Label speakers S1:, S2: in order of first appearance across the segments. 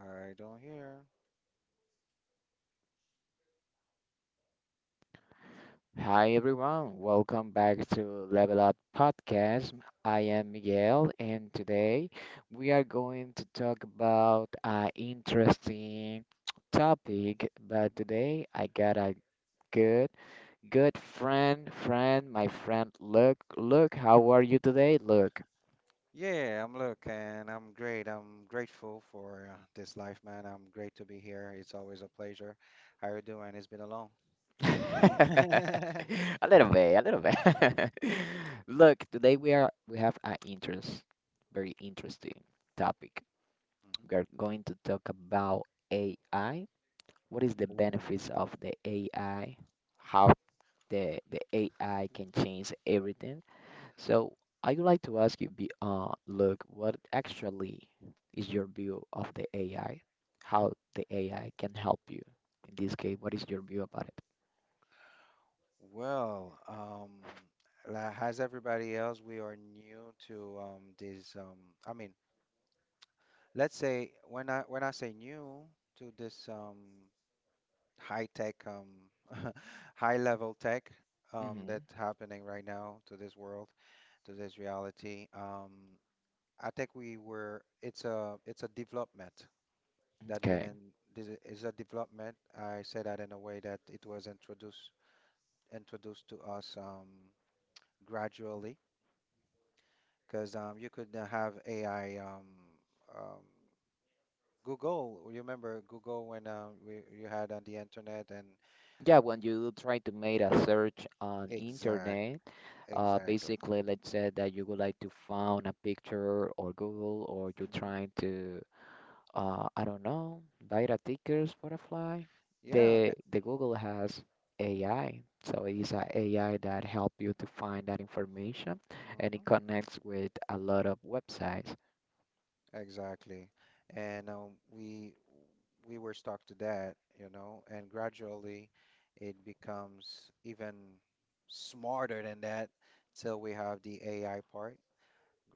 S1: I don't hear.
S2: Hi everyone, welcome back to Level Up Podcast. I am Miguel, and today we are going to talk about an interesting topic. But today I got a good, good my friend. Look, look, how are you today? Look,
S1: Yeah, I'm looking. I'm great. I'm grateful for this life, man. I'm great to be here. It's always a pleasure. How you doing? It's been a long. Mhm.
S2: a little bit. Look, today we have an very interesting topic. We are going to talk about AI. What is the
S1: Ooh.
S2: benefits of the AI? How the AI can change everything. So I would like to ask you, be look, what actually is your view of the AI? How the AI can help you? In this case, what is your view about it?
S1: Well, um, as everybody else, we are new to this. I mean, let's say when I say new to this high tech, high level tech
S2: Mm-hmm.
S1: that's happening right now to this world, to this reality. I think we were it's a development that being
S2: Okay.
S1: in this is a development. I say that in a way that it was introduced to us gradually because you could have AI, um, Google. You remember Google when we you had on the internet. And
S2: Yeah, when you try to make a search on
S1: exact
S2: internet, uh,
S1: exactly.
S2: basically, let's say that you would like to find a picture or Google, or you're
S1: Hmm.
S2: trying to, I don't know, buy the tickets for a fly.
S1: Yeah. Eh,
S2: The Google has AI, so it is a AI that help you to find that information, and
S1: mm-hmm.
S2: it connects with a lot of websites.
S1: Exactly. And we were stuck to that, you know, and gradually it becomes even smarter than that till we have the AI part,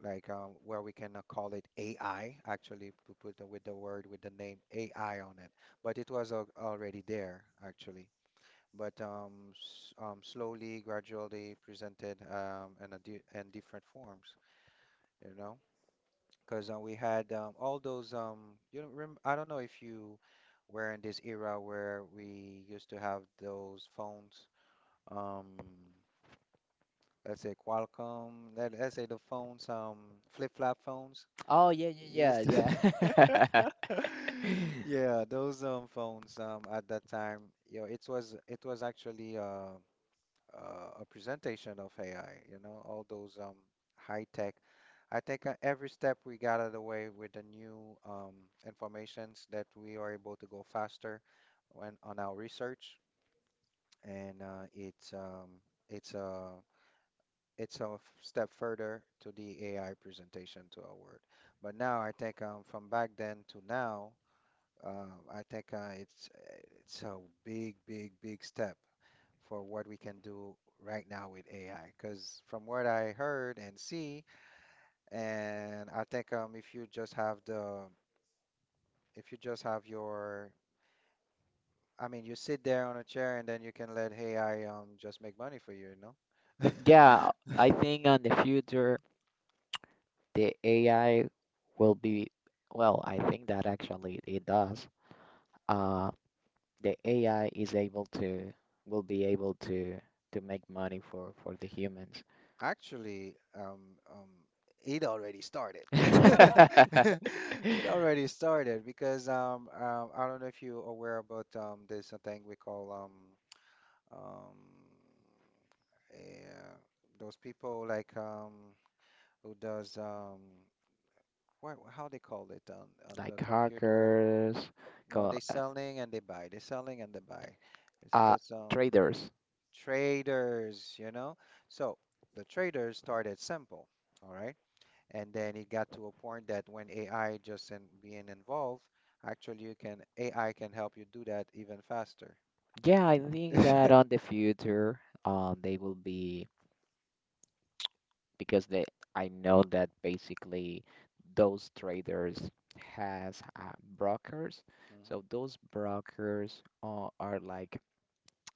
S1: like where we can call it AI, actually, to with the word, with the name AI on it. But it was al already there, actually. But s slowly, gradually presented in a di in different forms, you know, because we had, all those, um, you know, I don't know if you were in this era where we used to have those phones, um let's say Qualcomm, let's say the phones, flip-flop phones
S2: Oh yeah,
S1: used to-
S2: yeah.
S1: yeah, those phones at that time, you know, it was actually a presentation of AI, you know, all those high tech. I think every step we got out of the way with the new informations that we are able to go faster when, on our research, and it's it's a it's a step further to the AI presentation to our world. But now I think from back then to now, I think it's a big, big, big step for what we can do right now with AI. Because from what I heard and see, and I think, if you just have if you just have your, I mean, you sit there on a chair and then you can let AI just make money for you, you know?
S2: Yeah, I think on the future the AI will be well, I think that actually it does. Uh, the AI is able to will be able to make money for the humans.
S1: Actually, um, it already started. It already started because, I don't know if you're aware about there's a thing we call um, um, uh, those people like, who does, what, how they call it on the
S2: Like
S1: computer?
S2: hackers,
S1: No,
S2: co-
S1: they
S2: uh,
S1: selling and they buy. It's
S2: uh,
S1: just
S2: traders.
S1: traders, you know. So the traders started simple, all right, and then it got to a point that when AI just in, being involved, actually you can, AI can help you do that even faster.
S2: Yeah, I think that
S1: Hmm.
S2: on the future, they will be because they I know that basically those traders has brokers. So those brokers are like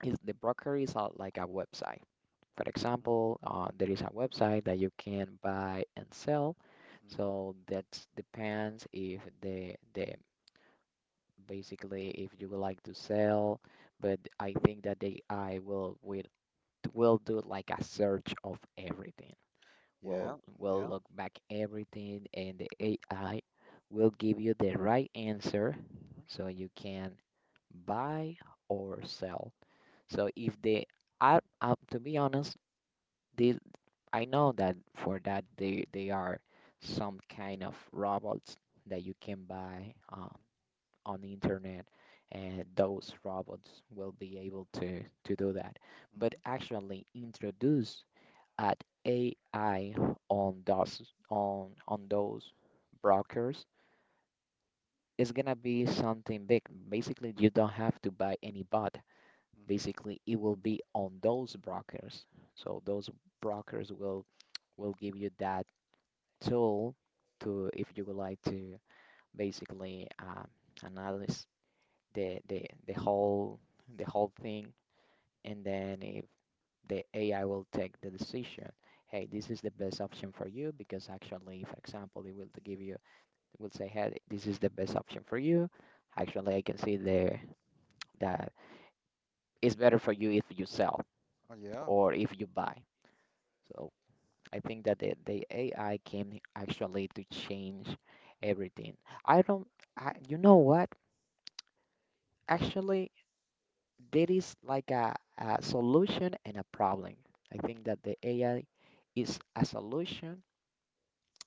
S2: is the broker is like a website. For
S1: Hmm.
S2: example, there is a website that you can buy and sell.
S1: Hmm.
S2: So that depends if the basically if you would like to sell, but I think that the AI will will do like a search of everything. Will
S1: Yeah,
S2: will
S1: yeah.
S2: look back everything, and the AI will give you the right answer,
S1: Hmm.
S2: so you can buy or sell. So if they I, to be honest, they I know that for that they are some kind of robots that you can buy
S1: Hmm.
S2: on the internet, and those robots will be able to do that. But actually introduce at AI on those on those brokers is gonna be something big. Basically, you don't have to buy any bot.
S1: Hmm.
S2: Basically it will be on those brokers. So those brokers will give you that tool to if you would like to basically analyze the whole the whole thing and then if the AI will take the decision. Hey, this is the best option for you because actually, for example, it will give you, it will say, hey, this is the best option for you. Actually, I can see there that it's better for you if you sell
S1: Oh, yeah.
S2: or if you buy. So I think that the AI came actually to change everything. I don't, I, you know what? Actually, there is like a solution and a problem. I think that the AI is a solution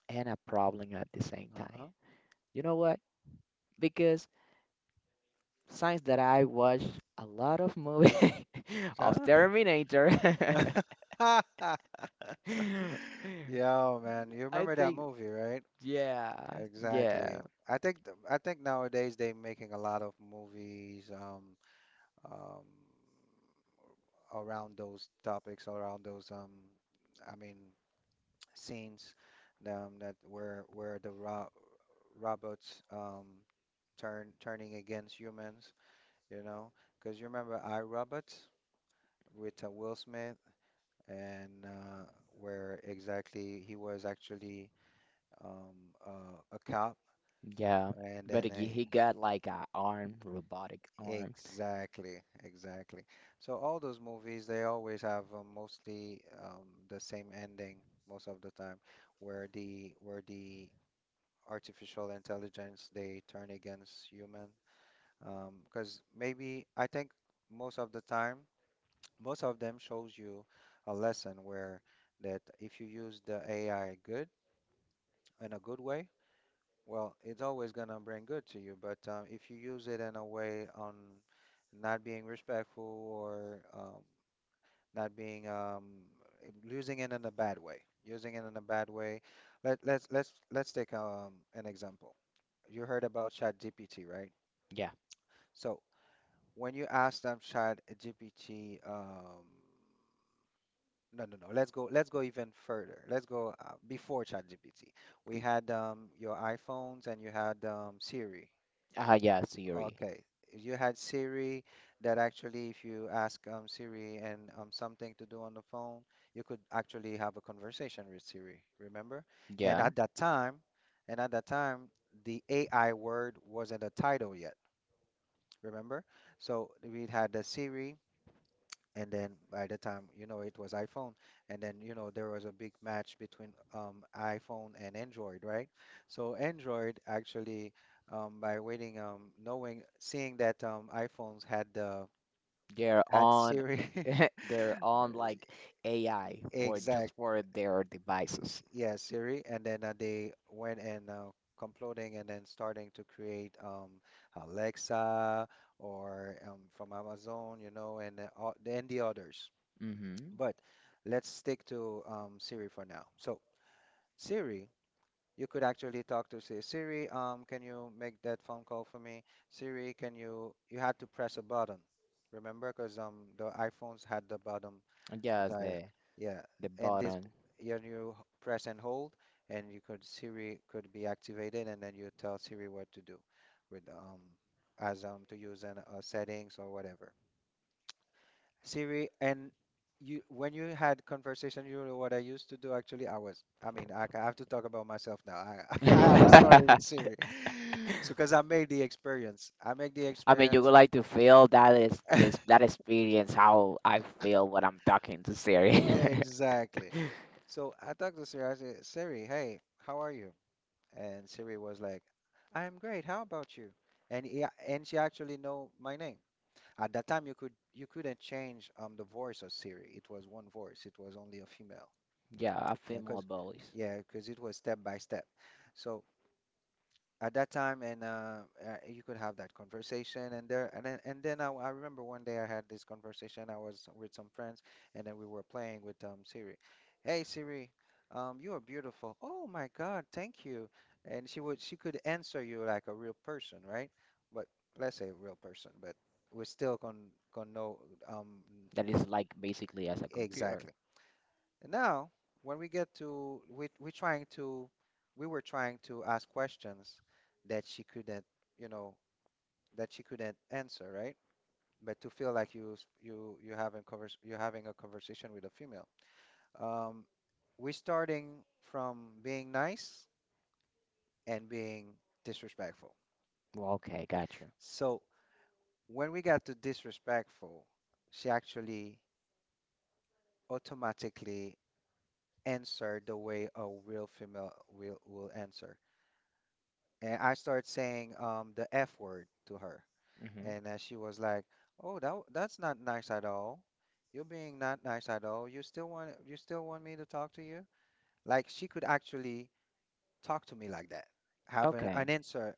S2: and a problem at the same time. You know what? Because since that I watch a lot of movies of
S1: Uh-huh.
S2: Terminator,
S1: Huh? Yeah, man. You
S2: I
S1: remember that
S2: think,
S1: movie, right?
S2: yeah, yeah.
S1: Exactly. I think nowadays they're making a lot of movies um around those topics, around those, I mean scenes, that where the ro robots turning against humans, you know? Because you remember I, Robot with Will Smith and where exactly he was actually, um, a cop,
S2: Yeah,
S1: and
S2: but
S1: then
S2: he got like a arm, robotic arm.
S1: exactly, exactly. So all those movies, they always have, mostly, the same ending most of the time, where the artificial intelligence they turn against human. 'Cause Because maybe I think most of the time, most of them shows you a lesson where that if you use the AI good in a good way. Well, it's always gonna bring good to you, but if you use it in a way on not being respectful, or not being using it in a bad way, using it in a bad way. Let's take, an example. You heard about ChatGPT, right?
S2: Yeah.
S1: So when you ask them ChatGPT, no, no, no. Let's go. Let's go even further. Let's go, before ChatGPT. We
S2: P-
S1: had, your iPhones, and you had, Siri.
S2: Ah, yeah, Siri.
S1: Okay. You had Siri that actually, if you ask, Siri, and something to do on the phone, you could actually have a conversation with Siri, remember? And
S2: Yeah,
S1: at that time, and at that time, the AI word wasn't a title yet, remember? So we had the Siri, and then by the time you know it was iPhone, and then you know there was a big match between, iPhone and Android, right? So Android actually, by waiting, knowing seeing that, iPhones had the
S2: they're
S1: had
S2: on,
S1: Siri.
S2: they're
S1: Uh,
S2: on like AI for just
S1: exact
S2: for their devices.
S1: Yeah, Siri. And then they went and, comploting, and then starting to create, Alexa, or from Amazon, you know, and and the others.
S2: Mm-hmm.
S1: But let's stick to, Siri for now. So, Siri, you could actually talk to Siri. Siri, can you make that phone call for me? Siri, can you? You had to press a button, remember? Because the iPhones had the button
S2: Yes,
S1: that, yeah,
S2: the
S1: and this,
S2: button.
S1: yeah, you press and hold, and you could Siri could be activated, and then you tell Siri what to do with as to use an, settings or whatever. Siri, and you when you had conversation, you know what I used to do actually. I mean, I have to talk about myself now. I, I had a story with Siri, so because I make the
S2: I mean, you would
S1: experience.
S2: like to feel that is this that experience how I feel when I'm talking to Siri.
S1: Exactly. So I talked to Siri. I said, Siri, hey, how are you? And Siri was like, I'm great. How about you? And yeah, and she actually know my name. At that time, you couldn't change the voice of Siri. It was one voice. It was only a female.
S2: Yeah, a
S1: And
S2: female voice
S1: yeah, because it was step by step. So at that time, and you could have that conversation, and there, and then, I remember one day I had this conversation. I was with some friends, and then we were playing with Siri. Hey Siri, you are beautiful. Oh my God, thank you. And she could answer you like a real person, right? But let's say a real person, but we still can know, um n-
S2: that
S1: n-
S2: is like basically as a computer.
S1: exactly. And now, when we get to we were trying to ask questions that she couldn't, you know, that she couldn't answer, right? But to feel like you having convers you're having a conversation with a female. Um, we're starting from being nice and being disrespectful.
S2: Well, okay, gotcha.
S1: So when we got to disrespectful, she actually automatically answered the way a real female will answer. And I started saying the F word to her,
S2: Mm-hmm.
S1: and then she was like, "Oh, that's not nice at all. You're being not nice at all. You still want me to talk to you?" Like she could actually talk to me like that, have
S2: Okay.
S1: an answer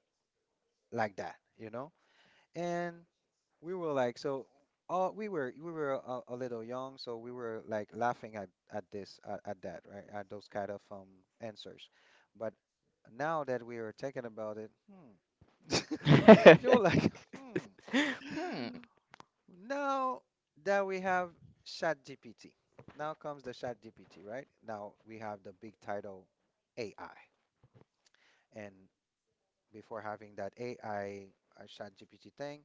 S1: like that, you know? And we were like, so all we were a little young, so we were like laughing at at that, right? At those kind of answers, but now that we are thinking about it. Hmm. You're like, hmm.
S2: Hmm.
S1: Now that we have ChatGPT, now comes the ChatGPT, right? Now we have the big title AI. And before having that AI, ChatGPT thing,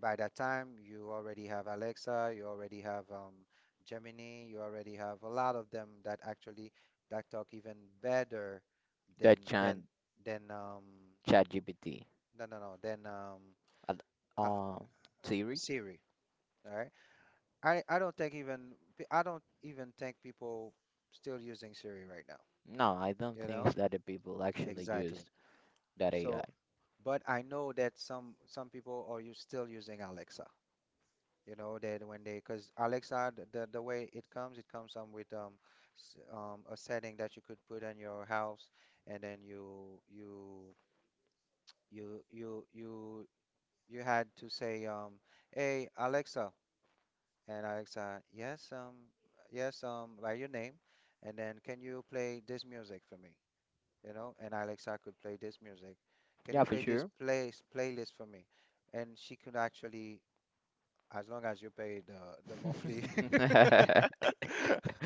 S1: by that time you already have Alexa, you already have, Gemini, you already have a lot of them that actually that talk even better
S2: The
S1: than
S2: chat
S1: than um
S2: ChatGPT.
S1: no no no than
S2: Uh,
S1: uh,
S2: um, Siri?
S1: Siri, all right? I don't think even I don't even think people still using Siri right now,
S2: No, I don't
S1: you know?
S2: think that the people actually
S1: Exactly.
S2: use that AI.
S1: So, but I know that some people are you still using Alexa, you know, that when they because Alexa, the, the way it comes, it comes, with, a setting that you could put in your house, and then you you had to say, hey Alexa. And Alexa, yes, yes, by your name. And then, can you play this music for me? You know, and Alexa could play this music. Can
S2: Yeah,
S1: you
S2: for
S1: play this
S2: sure.
S1: place playlist for me? And she could actually, as long as you pay the monthly,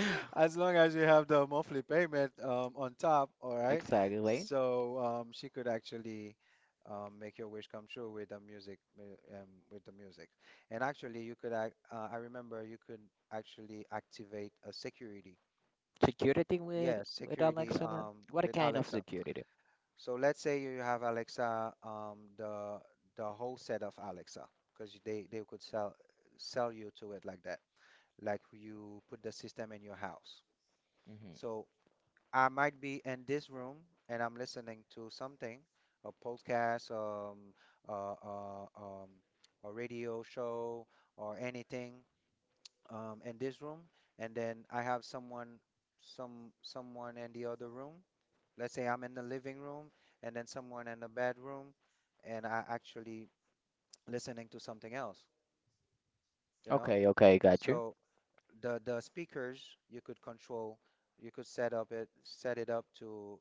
S1: as long as you have the monthly payment, on top, all right.
S2: Exactly.
S1: So she could actually, make your wish come true with the music, with the music. And actually, you could, I remember you could actually activate a security.
S2: Security
S1: Yes,
S2: with
S1: security
S2: Alexa. Like, what
S1: with
S2: kind of
S1: Alexa.
S2: security?
S1: So let's say you have Alexa, the whole set of Alexa, because they could sell you to it like that, like you put the system in your house.
S2: Hmm.
S1: So I might be in this room and I'm listening to something, a podcast, uh, uh, um, a radio show, or anything, in this room, and then I have someone, someone in the other room. Let's say I'm in the living room, and then someone in the bedroom, and I actually listening to something else, you know.
S2: Okay, got you.
S1: So the speakers you could control, you could set it up to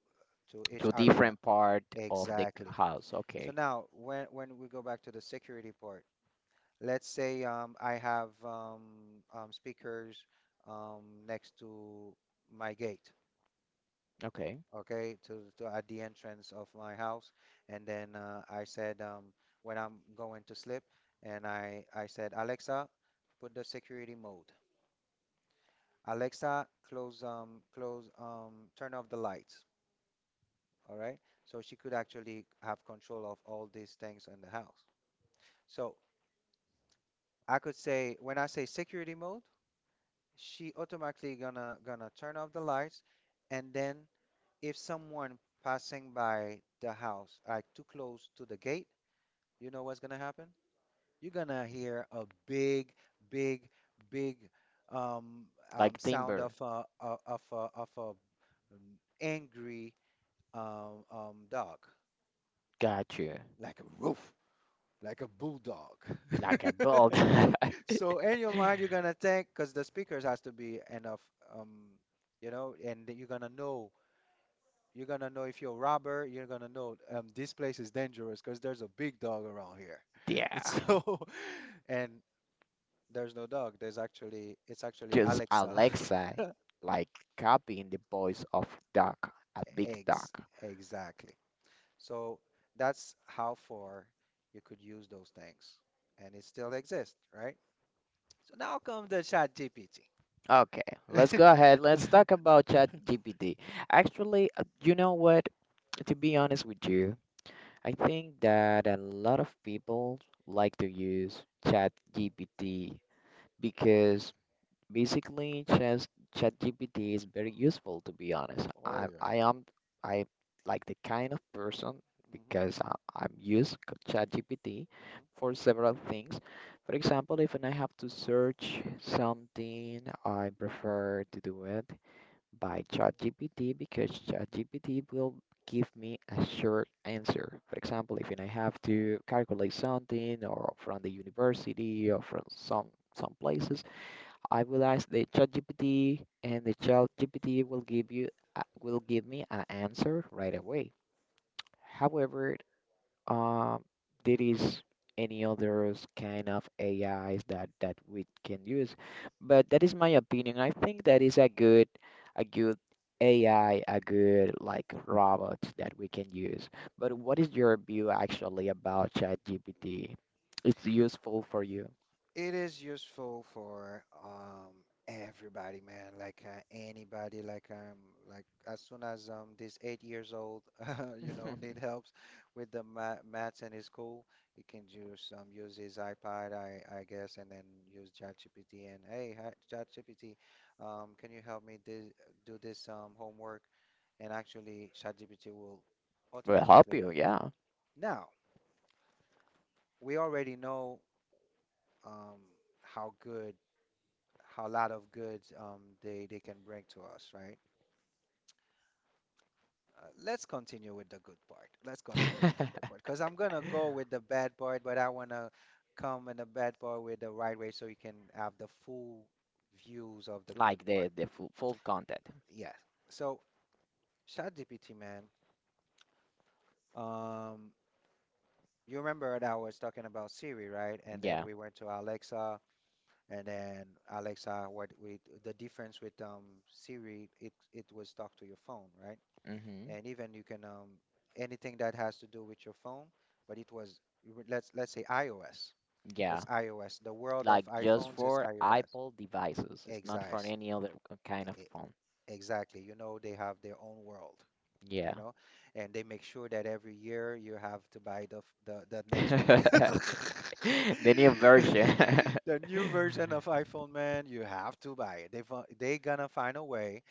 S1: each
S2: To
S1: area,
S2: different part of the
S1: exactly.
S2: house.
S1: So
S2: Okay,
S1: now when we go back to the security part, let's say I have speakers, um, next to my gate,
S2: okay.
S1: okay, to at the entrance of my house. And then I said, when I'm going to sleep, and I said, Alexa, put the security mode. Alexa, close turn off the lights. All right. So she could actually have control of all these things in the house. So I could say, when I say security mode, she automatically gonna turn off the lights, and then if someone passing by the house, like too close to the gate, you know what's gonna happen? You're gonna hear a big, big, big, um,
S2: Like
S1: sound of
S2: timber.
S1: a, of a, angry, dog,
S2: Got you.
S1: like a roof, like a bulldog.
S2: Like a build.
S1: So in your mind, you're gonna think, because the speakers has to be enough, um, you know, and you're gonna know, you're gonna know, if you're a robber, you're gonna know, this place is dangerous because there's a big dog around here.
S2: Yeah.
S1: So, and there's no dog. There's actually, it's actually
S2: Just
S1: Alexa.
S2: Alexa, like copying the voice of Doc, a big
S1: Eggs,
S2: Doc.
S1: exactly. So that's how far you could use those things, and it still exists, right? So now comes the ChatGPT.
S2: Okay, let's go ahead. Let's talk about ChatGPT. Actually, you know what? To be honest with you, I think that a lot of people like to use ChatGPT because basically, just ChatGPT is very useful to be honest. I
S1: Oh yeah.
S2: I am I like the kind of person
S1: Hmm.
S2: because I'm used ChatGPT
S1: Hmm.
S2: for several things. For example, if I have to search something, I prefer to do it by ChatGPT because ChatGPT will give me a short answer. For example, if I have to calculate something or from the university or from some places. I will ask the ChatGPT, and the ChatGPT will give you will give me an answer right away. However, um, there is any other kind of AIs that we can use, but that is my opinion. I think that is a good AI, a good like robot that we can use. But what is your view actually about ChatGPT? It's useful for you.
S1: It is useful for everybody, man. Like anybody, like as soon as this 8 years old, you know, need helps with the ma maths in his school, he can just use his iPad, I guess, and then use ChatGPT and hey, hi, ChatGPT, can you help me this, do this homework? And actually, ChatGPT will
S2: Will help
S1: automatically
S2: you,
S1: help.
S2: yeah.
S1: Now, we already know, um, how good, how lot of good, they can bring to us, right? Let's continue with the good part. Let's continue with the good part, because I'm gonna go with the bad part, but I wanna come in the bad part with the right way so you can have the full views of the good
S2: Like the
S1: part.
S2: the full, full content.
S1: Yeah. So ChatGPT, man. Um, you remember that I was talking about Siri, right? And then
S2: Yeah.
S1: we went to Alexa. And then Alexa, what with the difference with Siri, it was talk to your phone, right?
S2: Hmm.
S1: And even you can anything that has to do with your phone, but it was, let's say iOS.
S2: Yeah.
S1: It's iOS. The world of
S2: Like just
S1: iPhones is
S2: for
S1: iOS.
S2: Apple devices. It's not
S1: Exactly.
S2: for any other kind of phone.
S1: Exactly. You know, they have their own world,
S2: Yeah.
S1: you know, and they make sure that every year you have to buy the next one.
S2: The new version.
S1: The new version of iPhone, man, you have to buy it. They gonna find a way.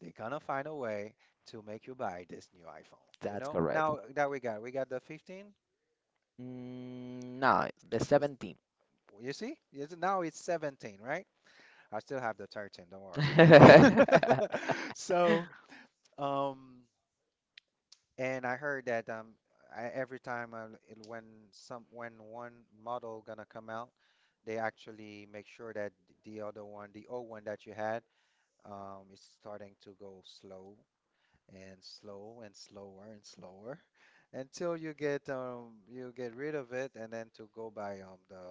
S1: They gonna find a way to make you buy this new iPhone. You
S2: That's
S1: know,
S2: correct.
S1: now that we got the 15.
S2: Mm, no, it's the
S1: It's,
S2: 17.
S1: you see, it's, now it's 17, right? I still have the 13. Don't worry. So, um. And I heard that every time when some when one model gonna come out, they actually make sure that the other one, the old one that you had, is starting to go slow and slow and slower until you get rid of it and then to go by the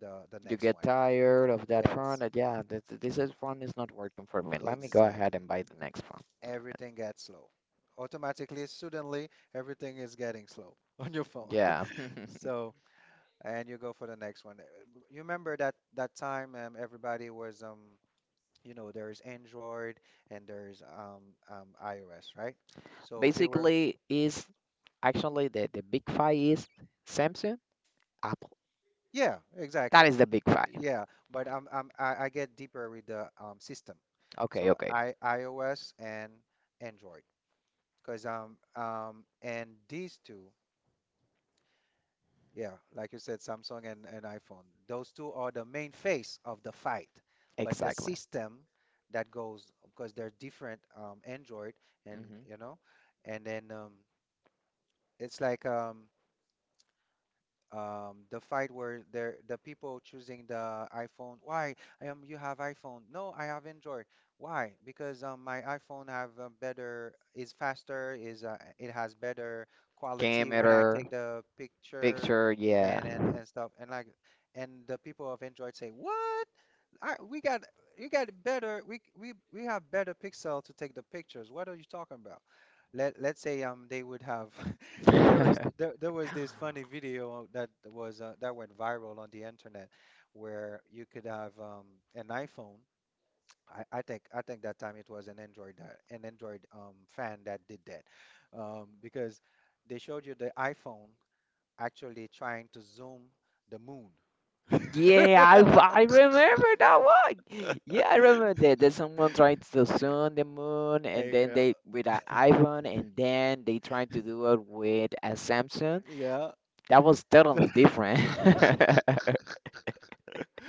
S1: the
S2: You
S1: next
S2: get
S1: one.
S2: tired of that phone.
S1: Yes,
S2: Uh, yeah, this is phone is not working for me. Let me go
S1: exactly.
S2: ahead and buy the next phone.
S1: Everything gets slow. Automatically, suddenly, everything is getting slow on your phone.
S2: Yeah.
S1: So, and you go for the next one. You remember that that time, everybody was, you know, there's Android and there's iOS, right? So they were,
S2: Basically, is actually, the big five is Samsung, Apple.
S1: yeah,
S2: That
S1: exactly.
S2: is the big five.
S1: Yeah, but I get deeper with the system.
S2: Okay,
S1: So I iOS and Android because and these two, yeah, like you said, Samsung and iPhone. Those two are the main face of the fight. But the
S2: exactly.
S1: system that goes, because they're different, Android and,
S2: Hmm.
S1: you know, and then it's like, the fight where there the people choosing the iPhone. Why? You have iPhone. No, I have Android. Why? Because my iPhone have a better is faster is it has better quality when I
S2: Camera,
S1: take the picture
S2: picture, yeah.
S1: and stuff, and like, and the people of Android say what? We got, you got better, we have better pixel to take the pictures. What are you talking about? Let's say they would have And there was there was this funny video that was that went viral on the internet, where you could have an iPhone. I think that time it was an Android, that an Android fan that did that, because they showed you the iPhone actually trying to zoom the moon.
S2: Yeah, I remember that one. Yeah, I remember that. That someone tried to sun the moon, and
S1: And,
S2: then they with an iPhone, and then they tried to do it with a Samsung.
S1: yeah.
S2: That was totally different.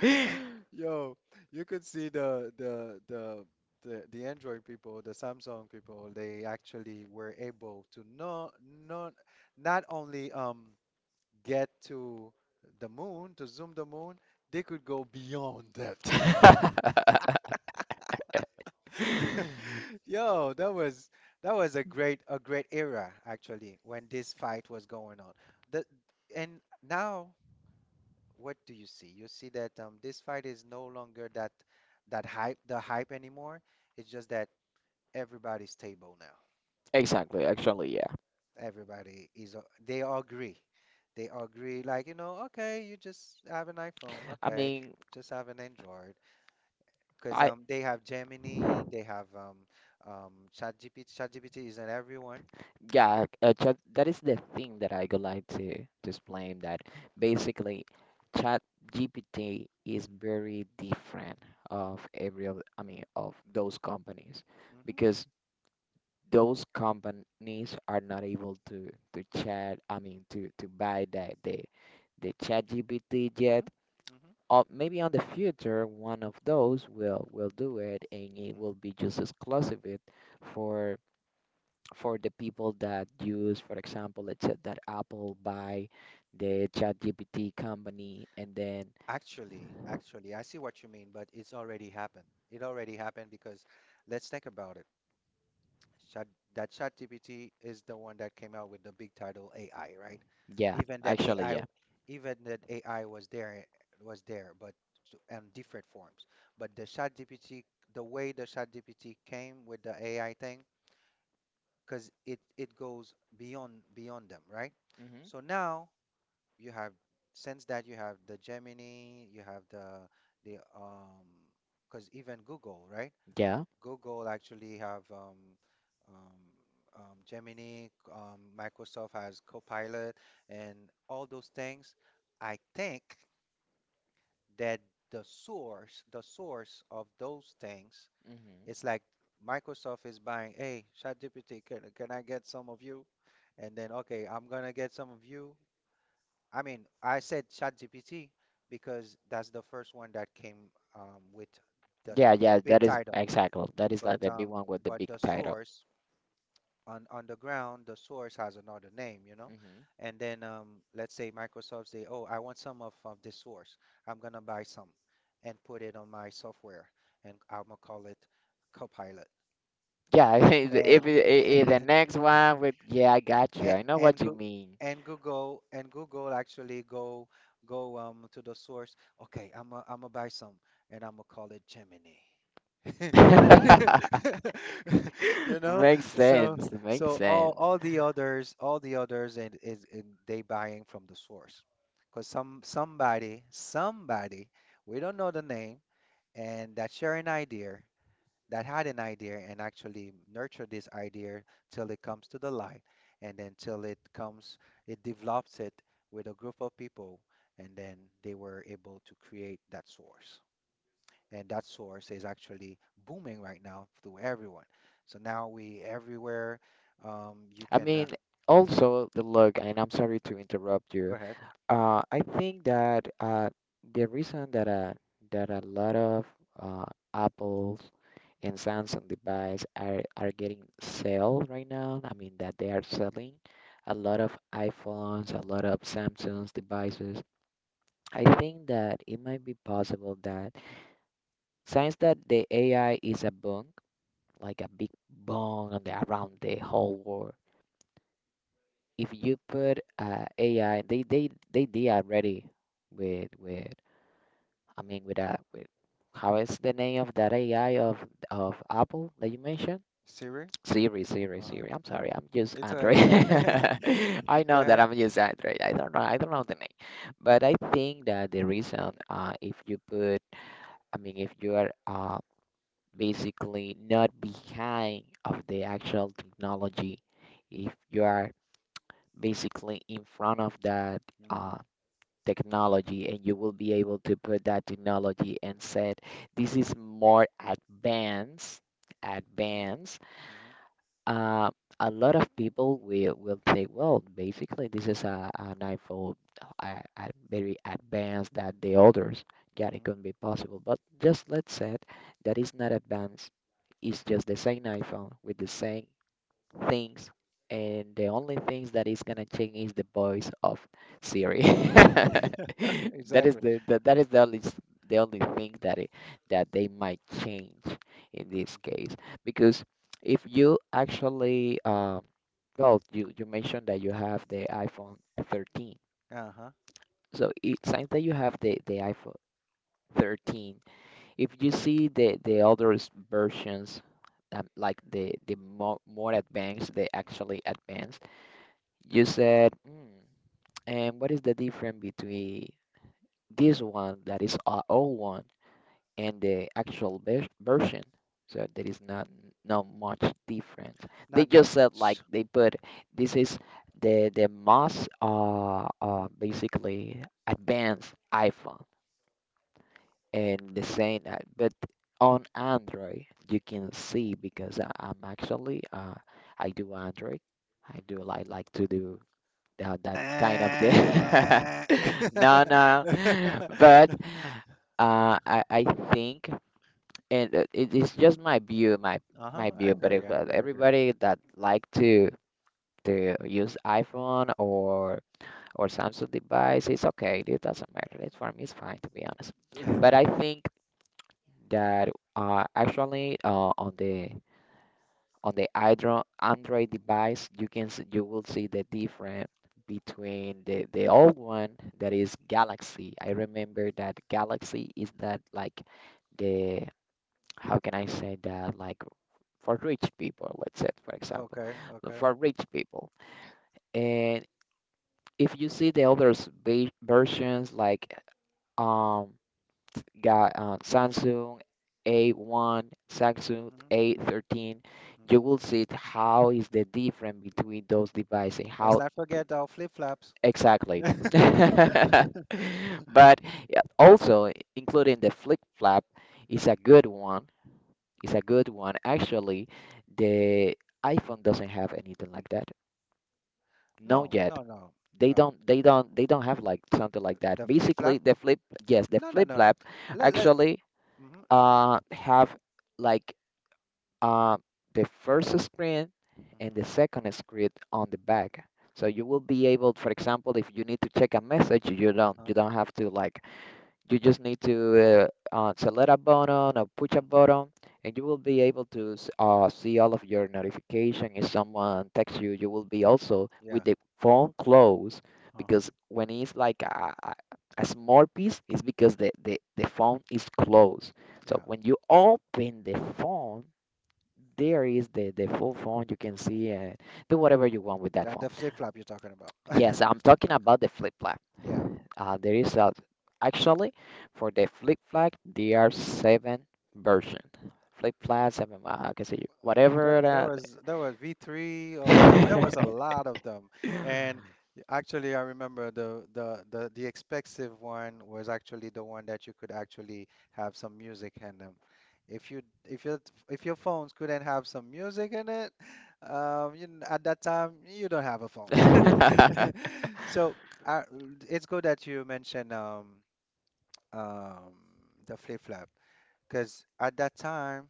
S1: Yo, you could see the Android people, the Samsung people, they actually were able to not, not not only get to the moon, to zoom the moon, they could go beyond that. Yo, that was, that was a great, a great era actually when this fight was going on. The, and now what do you see? You see that this fight is no longer that, hype, the hype anymore. It's just that everybody's stable now.
S2: Exactly, actually, yeah.
S1: Everybody is, they all agree. They all agree, like, you know, okay, you just have an iPhone,
S2: I
S1: okay,
S2: mean,
S1: just have an Android. Because
S2: I
S1: they have Gemini, they have, um, ChatGPT. ChatGPT is in everyone.
S2: yeah, that is the thing that I would like to just blame that basically chat GPT is very different of every of of those companies
S1: Hmm.
S2: because those companies are not able to chat I mean to buy that the chat GPT
S1: Hmm.
S2: yet
S1: Hmm.
S2: or maybe on the future one of those will do it and it will
S1: Hmm.
S2: be just exclusive it for the people that use, for example, let's say that Apple buy the ChatGPT company, and then
S1: Actually, actually, I see what you mean, but it's already happened. It already happened because let's think about it. Chat, ChatGPT is the one that came out with the big title AI, right?
S2: yeah,
S1: Even that
S2: actually
S1: AI,
S2: yeah,
S1: even that AI was there, but in different forms. But the ChatGPT, the way the ChatGPT came with the AI thing, because it goes beyond them, right?
S2: hmm,
S1: So now you have, since that you have the Gemini, you have the, the um, because even Google, right?
S2: yeah,
S1: Google actually have, Gemini, Microsoft has Copilot, and all those things. I think that the source of those things,
S2: hmm,
S1: it's like Microsoft is buying, hey, ChatGPT, can I get some of you? And then, okay, I'm gonna get some of you. I mean, I said ChatGPT because that's the first one that came, with the
S2: yeah,
S1: the
S2: yeah.
S1: big
S2: That is
S1: title,
S2: exactly that is like
S1: but
S2: the big
S1: um,
S2: one with the
S1: but
S2: big
S1: the
S2: title.
S1: source on the ground, the source has another name, you know.
S2: Hmm.
S1: And then let's say Microsoft say, "Oh, I want some of this source. I'm gonna buy some and put it on my software, and I'm gonna call it Copilot."
S2: Yeah.
S1: And
S2: If the next one with yeah, I got you.
S1: and
S2: I know what you mean.
S1: Google and Google actually go to the source. Okay, I'm gonna buy some, and I'm gonna call it Gemini. You know,
S2: Makes
S1: so,
S2: sense. Makes
S1: so all,
S2: sense.
S1: all the others and is in they buying from the source, because somebody, we don't know the name, and that share an idea that had an idea and actually nurture this idea till it comes to the light, and then till it comes, it develops it with a group of people, and then they were able to create that source, and that source is actually booming right now to everyone. So now we everywhere. You
S2: I
S1: can,
S2: mean,
S1: mhm,
S2: also the look, and I'm sorry to interrupt
S1: go
S2: you.
S1: ahead.
S2: I think that the reason that that a lot of uh, Apples and Samsung device are getting sale right now, I mean that they are selling a lot of
S1: Hmm.
S2: iPhones, a lot of Samsung's devices. I think that it might be possible that since that the AI is a boom, like a big boom on the, around the whole world, if you put AI, they they did already with I mean, with how is the name of that AI of Apple that you mentioned?
S1: Siri.
S2: Siri,
S1: Uh-huh.
S2: Siri. I'm sorry, I'm just
S1: It's all right.
S2: Android.
S1: It's all right.
S2: I
S1: Go
S2: know that
S1: ahead.
S2: I'm just Android. I don't know the name, but
S1: Uh-huh.
S2: I think that the reason, if you put, I mean, if you are basically not behind of the actual technology, if you are basically in front of that.
S1: Hmm.
S2: Uh, technology and you will be able to put that technology and said this is more
S1: Hmm.
S2: advanced
S1: Hmm.
S2: uh, a lot of people will think well basically this is an iphone very advanced than the others yeah it couldn't
S1: Hmm.
S2: be possible but just let's say that is not advanced it's just the same iphone with the same things, and the only things that is gonna change is the voice of Siri. That is
S1: Exactly.
S2: that is the only the only thing that it, that they might change in this
S1: Hmm.
S2: case because if you actually well you mentioned that you have the iPhone 13
S1: Uh-huh.
S2: so it since that you have the iPhone 13 if you see the other versions like the more, more advanced they actually advanced you said, mm, and what is the difference between this one that is our old one and the actual version? So there is not not much difference. They
S1: Not that
S2: just said like
S1: much.
S2: they put this is the most basically advanced iPhone and the same that but on Android you can see because I'm actually I do Android. I
S1: Hmm.
S2: do like to do that kind of thing.
S1: Eh.
S2: No, no. But I think, and it's just my view,
S1: Uh-huh.
S2: my
S1: I
S2: view. But
S1: agree.
S2: if
S1: I agree. I agree.
S2: everybody that like to use iPhone or Samsung device, it's okay. It doesn't matter. It's for me, it's fine to be honest. But I think that actually on the on the Android device, you will see the difference between the old one that is Galaxy. I remember that Galaxy is that like the how can I say that like for rich people, let's say for example,
S1: Okay. Okay.
S2: for rich people. And if you see the other versions like um got Samsung A1,
S1: Hmm.
S2: Samsung
S1: Hmm.
S2: A13. You will see it, how is the difference between those devices.
S1: Let's
S2: How
S1: not forget our flip-flops.
S2: exactly? But yeah, also including the flip flap is a good one. It's a good one. Actually, the iPhone doesn't have anything like that. No
S1: No,
S2: yet.
S1: no, no,
S2: They
S1: no.
S2: don't they don't they don't have like something like that.
S1: The flip
S2: Basically
S1: flop?
S2: the flip yes, the
S1: No, no,
S2: flip
S1: no, no.
S2: flap
S1: Let let.
S2: actually
S1: Mm-hmm,
S2: have like um, the first screen
S1: mm-hmm,
S2: and the second screen on the back. So you will be able, for example, if you need to check a message, you don't
S1: uh-huh,
S2: you don't have to like you just need to select a button or push a
S1: mm-hmm.
S2: button, and you will be able to see all of your notification. If someone texts you, you will be also with
S1: Yeah,
S2: the phone closed
S1: uh-huh,
S2: because when it's like a a small piece, it's because the phone is closed. So
S1: yeah.
S2: when you open the phone, there is the full phone you can see and do whatever you want with that
S1: That
S2: phone
S1: the flip flop you're talking about.
S2: yes I'm talking about the flip flag.
S1: Yeah,
S2: There is actually for the flip flag there are seven version flip flag seven. I can see whatever
S1: there
S2: that,
S1: was V3. There, there was a
S2: the
S1: lot of them, and actually, I remember the expensive one was actually the one that you could actually have some music in them. If you if your phones couldn't have some music in it, at that time you don't have a phone. So I, it's good that you mentioned um the flip flop because at that time,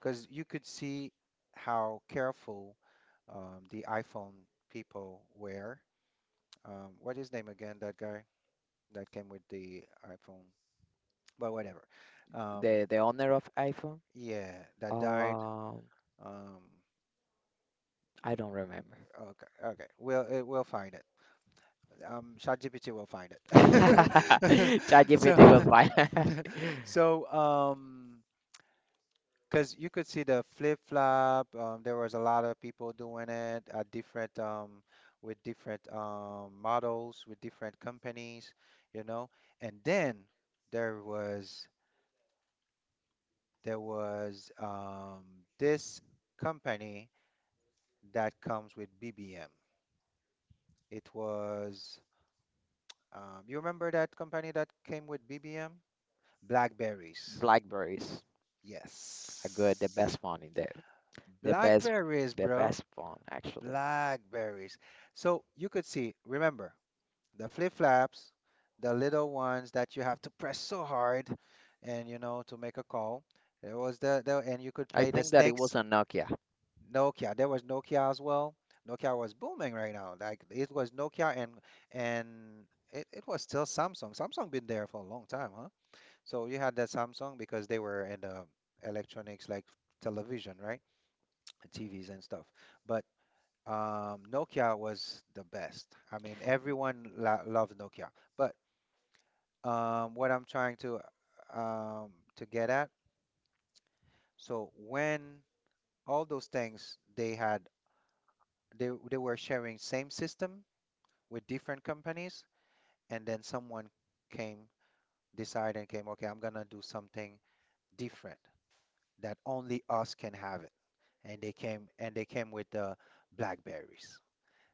S1: because you could see how careful the iPhone people were. What is his name again? That guy that came with the iPhone, but whatever. Um,
S2: the owner of iPhone.
S1: yeah, that died.
S2: um
S1: Um,
S2: I don't remember.
S1: okay, okay. We'll find it. ChatGPT will find it.
S2: ChatGPT will
S1: So,
S2: find.
S1: so um, because you could see the flip flop. There was a lot of people doing it at different with different models with different companies, you know. And then there was there was this company that comes with BBM. It was you remember that company that came with BBM? Blackberries.
S2: Blackberries are good, the
S1: Yes.
S2: best phone in the. The best,
S1: Blackberries,
S2: the
S1: bro.
S2: best phone actually.
S1: Blackberries. So you could see, remember, the flip-flops, the little ones that you have to press so hard and you know to make a call. There was the and you could
S2: I
S1: play the
S2: think that it
S1: snakes.
S2: was a Nokia.
S1: Nokia. There was Nokia as well. Nokia was booming right now. Like it was Nokia and and it was still Samsung. Samsung been there for a long time, huh? So you had that Samsung because they were in the electronics like television, right? TVs and stuff. But Nokia was the best. I mean, everyone lo loved Nokia. But what I'm trying um, to get at, so when all those things they had, they were sharing same system with different companies, and then someone came, decided and came, okay, I'm gonna do something different that only us can have it. And they came with the BlackBerries.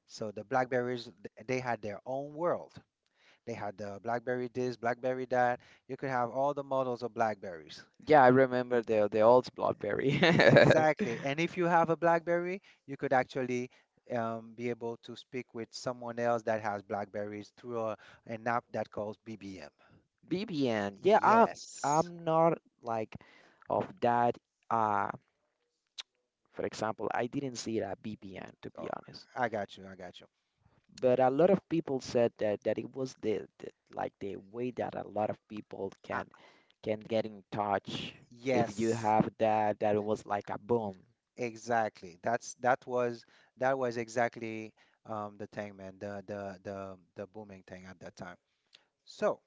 S1: So the BlackBerries, they had their own world. They had the BlackBerry this, BlackBerry that. You could have all the models of BlackBerries.
S2: Yeah, I remember the old BlackBerry.
S1: Exactly. And if you have a BlackBerry, you could actually be able to speak with someone else that has BlackBerries through an app that calls BBM.
S2: BBN. Yeah, I am
S1: Yes.
S2: I'm not like of that. Uh, for example, I didn't see it at BBN to be
S1: Oh,
S2: honest.
S1: I got you. I got you.
S2: But a lot of people said that it was the like the way that a lot of people
S1: Uh,
S2: can get in touch if you
S1: yes,
S2: have that that it was like a boom.
S1: exactly. That was exactly the thing, man. The booming thing at that time. So,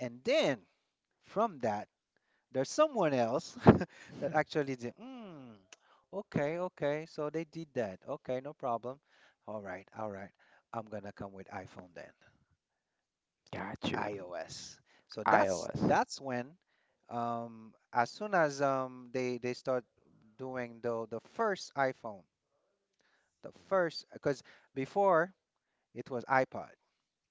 S1: and then from that, there's someone else that actually did, okay, okay, so they did that. Okay, no problem. All right, all right. I'm gonna come with iPhone then,
S2: Got you.
S1: iOS. So
S2: iOS.
S1: that's when, as soon as they start doing the first iPhone, the first because before it was iPod.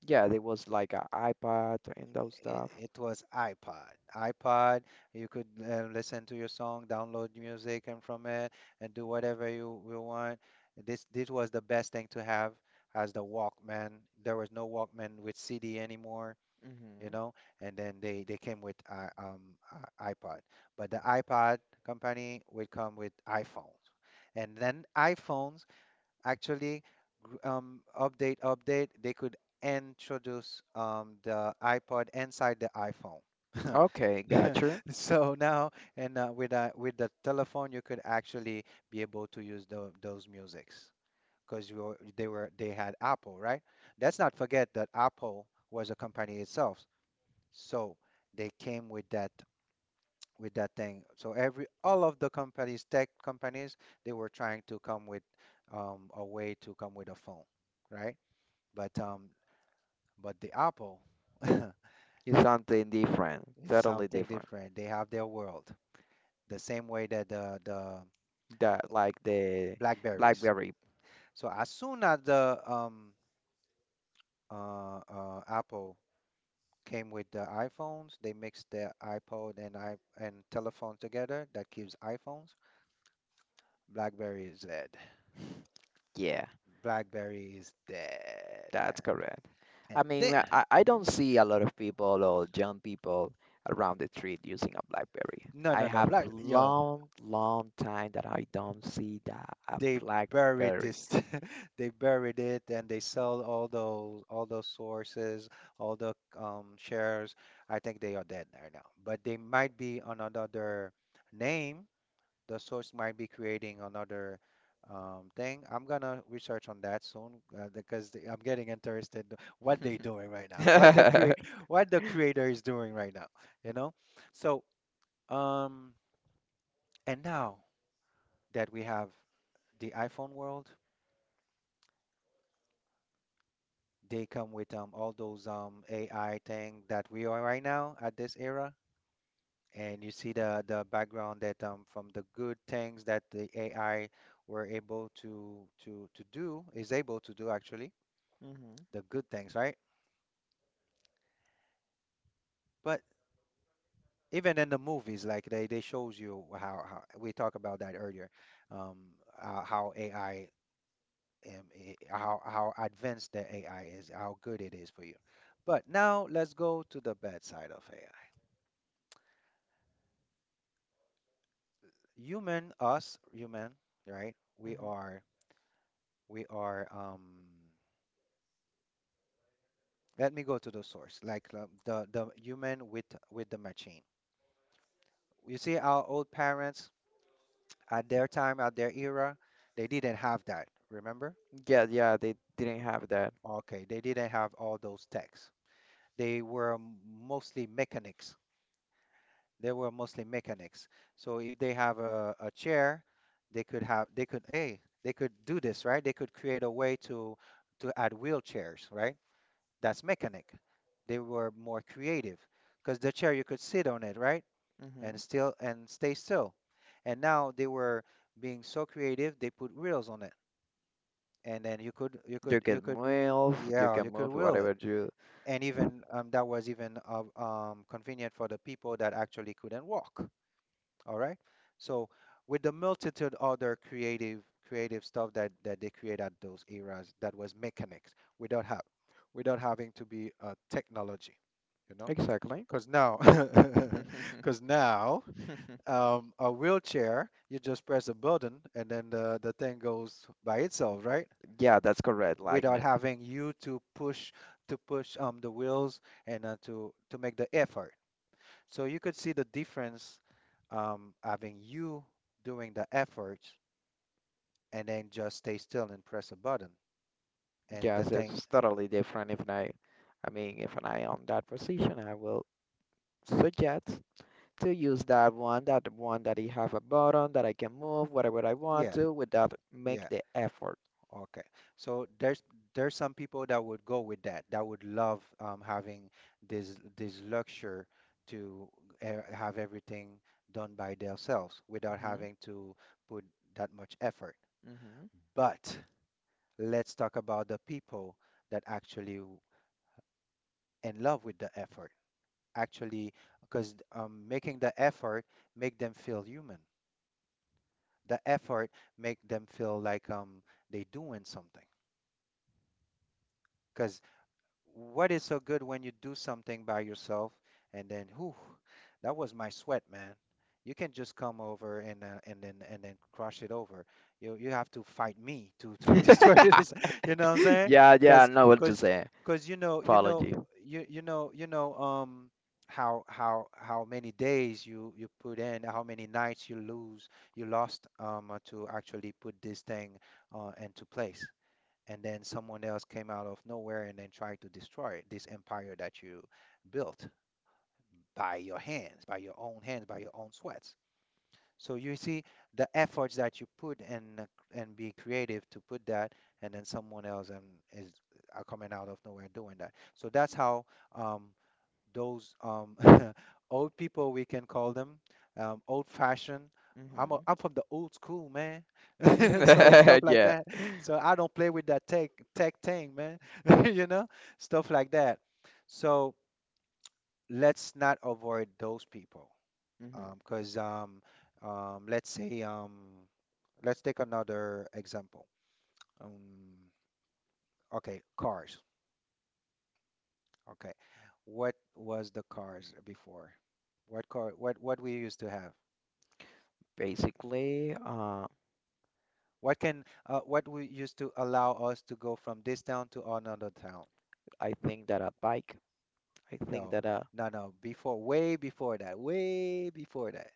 S2: Yeah, there was like an iPad and those
S1: It
S2: stuff.
S1: it, was iPod. iPod, you could listen to your song, download music and from it, and do whatever you want. This was the best thing to have as the Walkman. There was no Walkman with CD anymore, you
S2: Hmm
S1: know. And then they came with iPod, but the iPod company would come with iPhones, and then iPhones actually update they could introduce the iPod inside the iPhone.
S2: Okay, gotcha.
S1: So now, and with with the telephone you could actually be able to use those musics because you were, they were, they had Apple, right? Let's not forget that Apple was a company itself. So they came with that, with that thing. So every, all of the companies, tech companies, they were trying to come with a way to come with a phone, right? But um, but the Apple is
S2: It's something different, totally
S1: something
S2: different.
S1: different. They have their world, the same way that the
S2: That like the
S1: Blackberries.
S2: BlackBerry.
S1: So as soon as the Apple came with the iPhones, they mixed the iPod and I and telephone together. That gives iPhones. BlackBerry is dead.
S2: Yeah,
S1: BlackBerry is dead,
S2: that's
S1: man.
S2: correct.
S1: And
S2: I mean,
S1: then,
S2: I
S1: mhm,
S2: don't see a lot of people or young people around the street using a BlackBerry.
S1: no,
S2: I
S1: no, no,
S2: have
S1: Black, yo,
S2: long, long time that I don't see that a
S1: they buried
S2: BlackBerry.
S1: this. They buried it and they sold all those sources, all the shares. I think they are dead right now. But they might be on another name. The source might be creating another thing. I'm gonna research on that soon because I'm getting interested to what they doing right now. What the
S2: hmm
S1: create what the creator is doing right now, you know? So, um, and now that we have the iPhone world. They come with all those AI thing that we are right now at this era. And you see the background that from the good things that the AI were able to do is able to do actually
S2: hmm
S1: the good things, right? But even in the movies, like they shows you how we talk about that earlier, um, how AI how advanced the AI is, how good it is for you. But now let's go to the bad side of AI. Human, us, human, right? We are um, let me go to the source, like the human with the machine. You see our old parents at their time, at their era, they didn't have that, remember?
S2: Yeah, yeah, they didn't have that.
S1: Okay, they didn't have all those techs. They were mostly mechanics. They were mostly mechanics. So if they have a chair, they could have they could do this, right? They could create a way to add wheelchairs, right? That's mechanic. They were more creative because the chair you could sit on it, right? And still, and stay still. And now they were being so creative, they put wheels on it. And then you could,
S2: You
S1: yeah,
S2: can
S1: you could
S2: move
S1: wheel it,
S2: whatever you.
S1: and even that was even convenient for the people that actually couldn't walk. All right. So with the multitude other creative creative stuff that that they create at those eras that was mechanics without having to be a technology, you know?
S2: Exactly.
S1: Because now, because now, a wheelchair, you just press a button and then the thing goes by itself, right?
S2: Yeah, that's correct.
S1: Without having you to push the wheels and to make the effort. So you could see the difference having you doing the effort and then just stay still and press a button. And the
S2: Yes,
S1: thing,
S2: it's totally different. If I, I mean, if I on that position, I will suggest to use that one, that one that I have a button that I can move whatever I want
S1: yeah,
S2: to without make
S1: yeah,
S2: the effort.
S1: okay. So there's some people that would go with that, that would love having this this luxury to have everything done by themselves without having to put that much effort.
S2: Hmm
S1: But let's talk about the people that actually in love with the effort, actually, because making the effort make them feel human, the effort make them feel like they doing something. Because what is so good when you do something by yourself and then whew, that was my sweat, man. You can just come over and and then crush it over. You have to fight me to destroy
S2: hmm
S1: this, you know what I'm saying?
S2: Yeah, yeah, I
S1: Because
S2: know what you're
S1: because
S2: saying.
S1: because you know, you
S2: Following
S1: know,
S2: you.
S1: you know, you know how many days you you put in, how many nights you lost to actually put this thing into place, and then someone else came out of nowhere and then tried to destroy this empire that you built by your hands, by your own hands, by your own sweats. So you see the efforts that you put and be creative to put that, and then someone else and is are coming out of nowhere doing that. So that's how um, those old people, we can call them old fashioned. I'm, a,
S2: Hmm
S1: I'm from the old school, man. So stuff like
S2: Yeah.
S1: that. So I don't play with that tech thing, man. You know, stuff like that. So let's not avoid those people,
S2: hmm
S1: because um, let's say let's take another example. um, okay, cars. Okay, what was the cars before? What car what we used to have.
S2: Basically,
S1: What can what we used to allow us to go from this town to another town?
S2: I think that a bike. I think
S1: No,
S2: that a
S1: no, no. Before, way before that, way before that.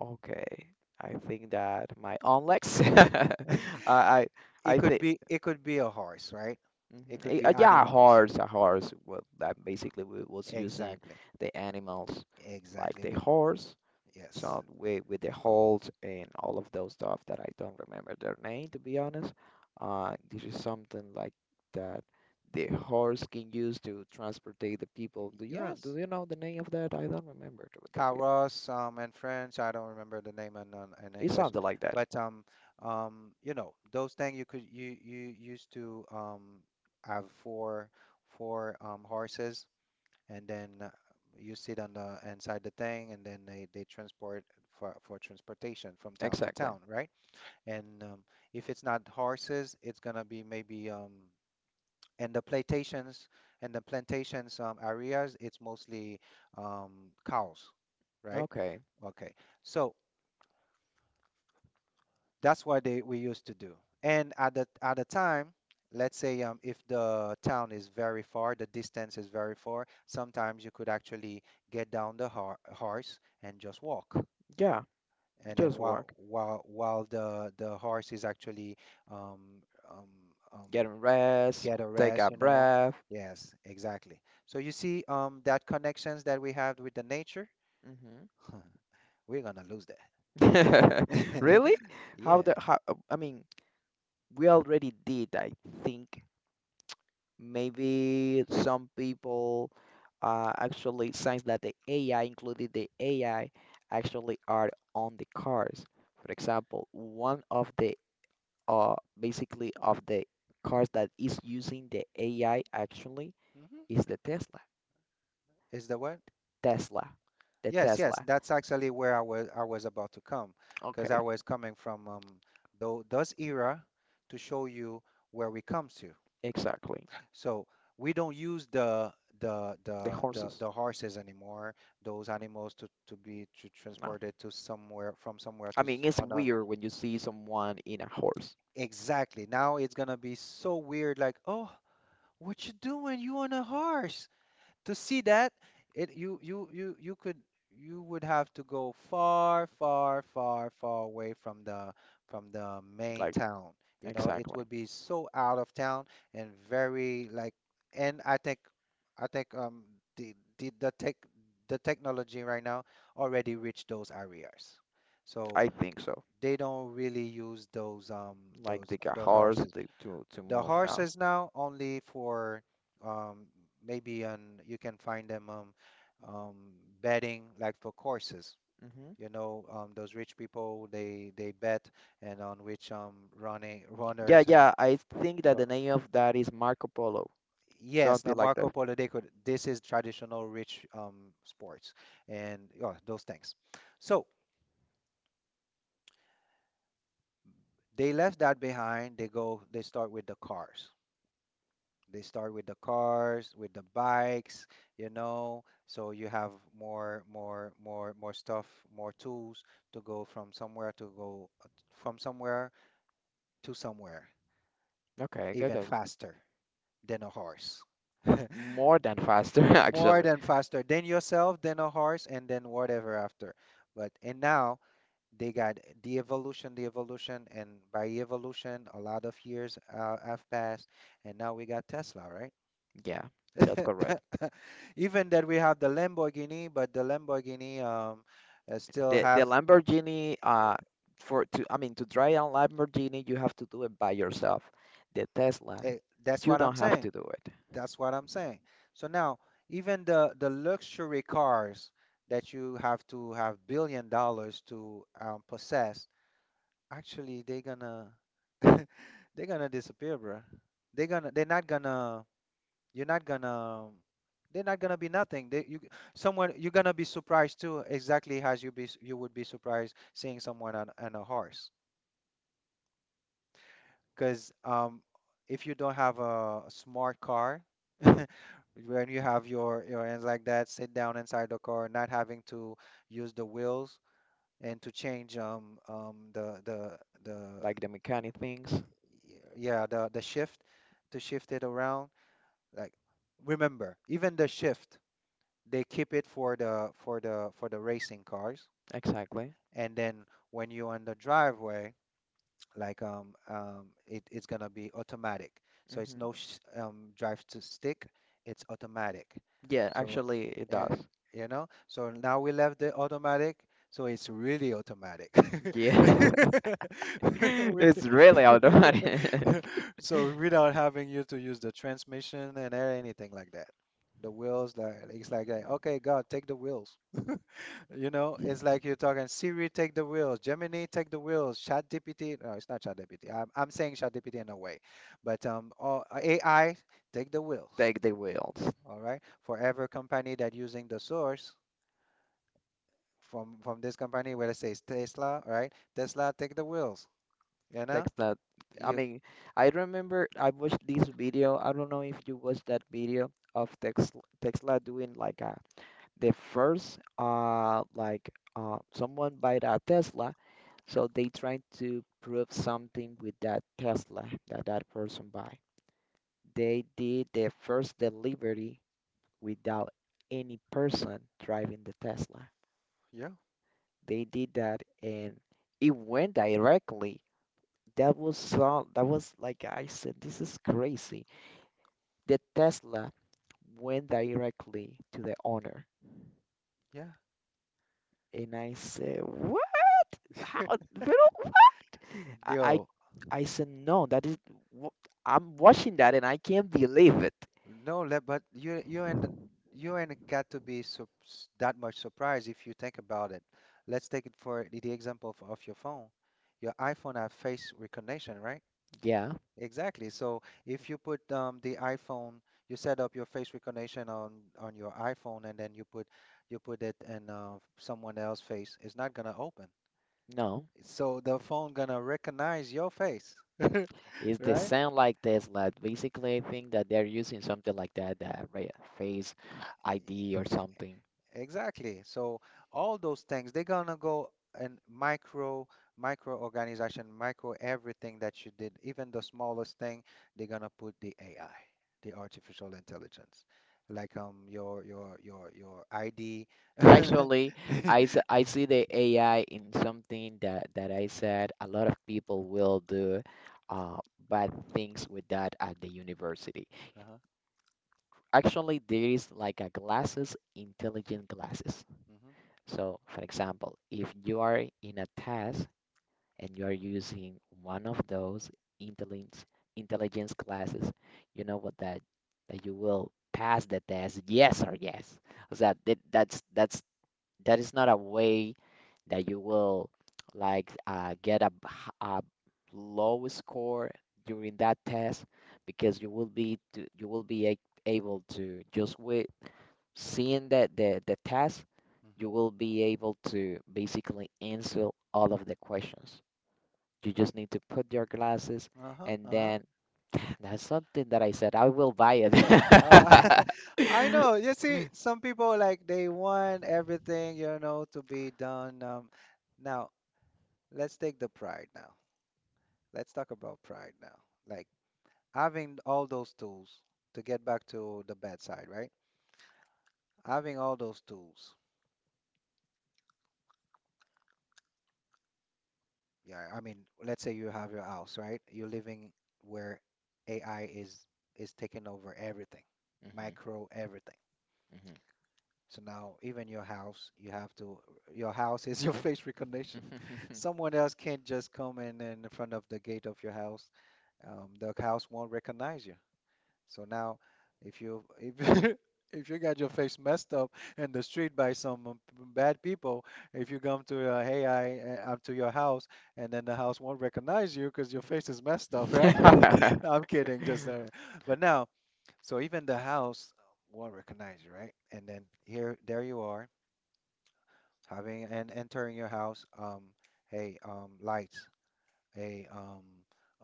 S2: okay. I think that my own legs. I
S1: It
S2: I
S1: could
S2: think
S1: be, it could be a horse, right? It could be
S2: yeah, a
S1: animals.
S2: horse, a horse. Well, that basically we was using
S1: Exactly,
S2: the animals like
S1: exactly.
S2: the
S1: We,
S2: horse.
S1: yes,
S2: So we with the holes and all of those stuff that I don't remember their name to be honest. This is something like that the horse can use to transportate the people. Do you know, do
S1: yes.
S2: you know the name of that? I don't remember.
S1: Carros, in French. I don't remember the name in
S2: It's
S1: English,
S2: something like that.
S1: but you know, those things you could you you used to have for horses, and then you sit on the inside the thing and then they transport for transportation from town to
S2: Exactly.
S1: town, right? And if it's not horses, it's gonna be maybe um, and the plantations, and the plantations areas, it's mostly um, cows, right?
S2: Okay.
S1: Okay, so that's what they we used to do. And at the time, let's say if the town is very far, the distance is very far, sometimes you could actually get down the ho horse and just walk.
S2: Yeah,
S1: And then
S2: just work.
S1: while the horse is actually um, um, um,
S2: Get some rest,
S1: get a
S2: take a
S1: rest, you know.
S2: breath.
S1: Yes, exactly. So you see, that connections that we have with the nature,
S2: Hmm
S1: we're gonna lose that.
S2: Really? How
S1: Yeah.
S2: the how I mean, we already did, I think. Maybe some people actually sense that the AI, including the AI, actually are on the cars. For example, one of the uh basically of the cars that is using the AI actually
S1: Hmm.
S2: is the Tesla.
S1: Is the what?
S2: Tesla. The
S1: Yes, yes,
S2: Tesla.
S1: that's actually where I was about to come because
S2: Okay,
S1: I was coming from those era to show you where we come to.
S2: exactly.
S1: So we don't use
S2: The horses.
S1: the horses anymore, those animals to be to
S2: No.
S1: transported to somewhere from somewhere
S2: I
S1: to
S2: mean, it's
S1: on a,
S2: weird when you see someone in a horse.
S1: exactly. Now it's gonna be so weird, like, "Oh, what you doing? You on a horse?" To see that, it you could, you would have to go far away from the, from the main
S2: Like,
S1: town, you know, it
S2: exactly.
S1: would be so out of town and very like, and I think the tech the technology right now already reached those areas, so
S2: I think so.
S1: they don't really use those
S2: Like, the got
S1: those
S2: horse
S1: horses.
S2: to
S1: The
S2: move now.
S1: horses now only for, um, maybe on, you can find them, um, betting like for courses.
S2: Hmm
S1: You know, those rich people they bet and on which running
S2: Yeah,
S1: runners and
S2: yeah. I think that the
S1: to-
S2: name of that is Marco Polo.
S1: yes, now
S2: Something like
S1: Marco
S2: that.
S1: Polo, they could, this is traditional rich sports, and yeah, those things. So they left that behind. They start with the cars. They start with the cars, with the bikes, you know, so you have more stuff, more tools to go from somewhere to go from somewhere to somewhere,
S2: Okay, good.
S1: even faster than a horse.
S2: More than faster,
S1: More
S2: actually.
S1: than faster than yourself, than a horse, and then whatever after. But and now they got the evolution, and by evolution, a lot of years have passed, and now we got Tesla, right?
S2: Yeah, that's correct.
S1: Even that we have the Lamborghini, but the Lamborghini still
S2: The
S1: have,
S2: Lamborghini for to, I mean to drive a Lamborghini you have to do it by yourself. The Tesla,
S1: eh, that's
S2: you
S1: what I'm
S2: don't have
S1: saying.
S2: to do it.
S1: That's what I'm saying. So now, even the luxury cars that you have to have billion dollars to possess, actually they're gonna they're gonna disappear, bro. They're gonna, they're not gonna, you're not gonna, they're not gonna be nothing. They, you, someone, you're gonna be surprised too, exactly as you be, you would be surprised seeing someone on a horse. Because if you don't have a smart car, when you have your hands like that, sit down inside the car, not having to use the wheels and to change the,
S2: Like the mechanic things.
S1: yeah, the shift, to shift it around. Like, remember, even the shift, they keep it for the racing cars,
S2: Exactly.
S1: and then when you're on the driveway, like it, it's gonna be automatic, so it's
S2: hmm
S1: no sh drive to stick, it's automatic,
S2: Yeah,
S1: so
S2: actually it
S1: yeah,
S2: does.
S1: you know, so now we left the automatic, so it's really automatic.
S2: Yeah.
S1: We-
S2: It's really automatic.
S1: so without having you to use the transmission and anything like that, the wheels, like it's like, okay, God, take the wheels, you know, it's like you're talking Siri, take the wheels, Gemini, take the wheels, ChatGPT. No, it's not ChatGPT. I'm saying ChatGPT in a way, but all, AI, take the wheels.
S2: Take the wheels.
S1: All right. For every company that using the source from this company, whether it says Tesla, right? Tesla, take the wheels. You
S2: Take
S1: know,
S2: that. I
S1: you,
S2: mean, I remember I watched this video. I don't know if you watched that video of Tesla, Tesla doing like a the first like someone buy a Tesla, so they trying to prove something with that Tesla that that person buy. They did the first delivery without any person driving the Tesla.
S1: yeah,
S2: They did that and it went directly. That was so that was like I said, this is crazy. The Tesla went directly to the owner.
S1: yeah.
S2: And I said, what? How? Pero, I
S1: Yo,
S2: I said no. That is wh- I'm watching that and I can't believe it.
S1: no, but you and you and got to be that much surprised if you think about it. Let's take it for the example of your phone. Your iPhone have face recognition, right?
S2: Yeah,
S1: Exactly. So if you put, the iPhone, you set up your face recognition on your iPhone, and then you put it in, someone else's face, it's not gonna open.
S2: no.
S1: So the phone gonna recognize your face,
S2: Is they
S1: right?
S2: sound like Tesla? Basically, I think that they're using something like that, that face ID or something.
S1: Exactly. So all those things, they're gonna go and micro, micro organization, micro everything that you did, even the smallest thing, they're gonna put the AI, the artificial intelligence, like your ID.
S2: Actually, I see the AI in something that, that I said a lot of people will do uh, bad things with that at the university.
S1: Uh-huh.
S2: Actually, there is like a glasses, intelligent glasses.
S1: Hmm.
S2: So, for example, if you are in a test and you are using one of those intelligence intelligence classes, you know what that that you will pass the test, yes or yes. So that that's that is not a way that you will like get a, b- h- a low score during that test because you will be to, you will be a, able to just with seeing the test you
S1: Hmm.
S2: will be able to basically answer all of the questions. You just need to put your glasses
S1: Uh-huh.
S2: and
S1: Uh-huh.
S2: then that's something that I said I will buy it.
S1: Uh, I know. You see, some people like they want everything, you know, to be done. Now, let's take the pride now. Let's talk about pride now. Like, having all those tools to get back to the bedside, right? Having all those tools. Yeah, I mean, let's say you have your house, right? You're living where AI is taking over everything, micro everything. So now even your house, you have to, your house is your face recognition.
S2: Mhm, mhm.
S1: Someone else can't just come in front of the gate of your house. The house won't recognize you. So now, if you if if you got your face messed up in the street by some, bad people, if you come to, hey, I, I'm to your house, and then the house won't recognize you because your face is messed up, right? No, I'm kidding, just but now, so even the house won't recognize you, right? And then here there you are having and entering your house. Hey, lights, a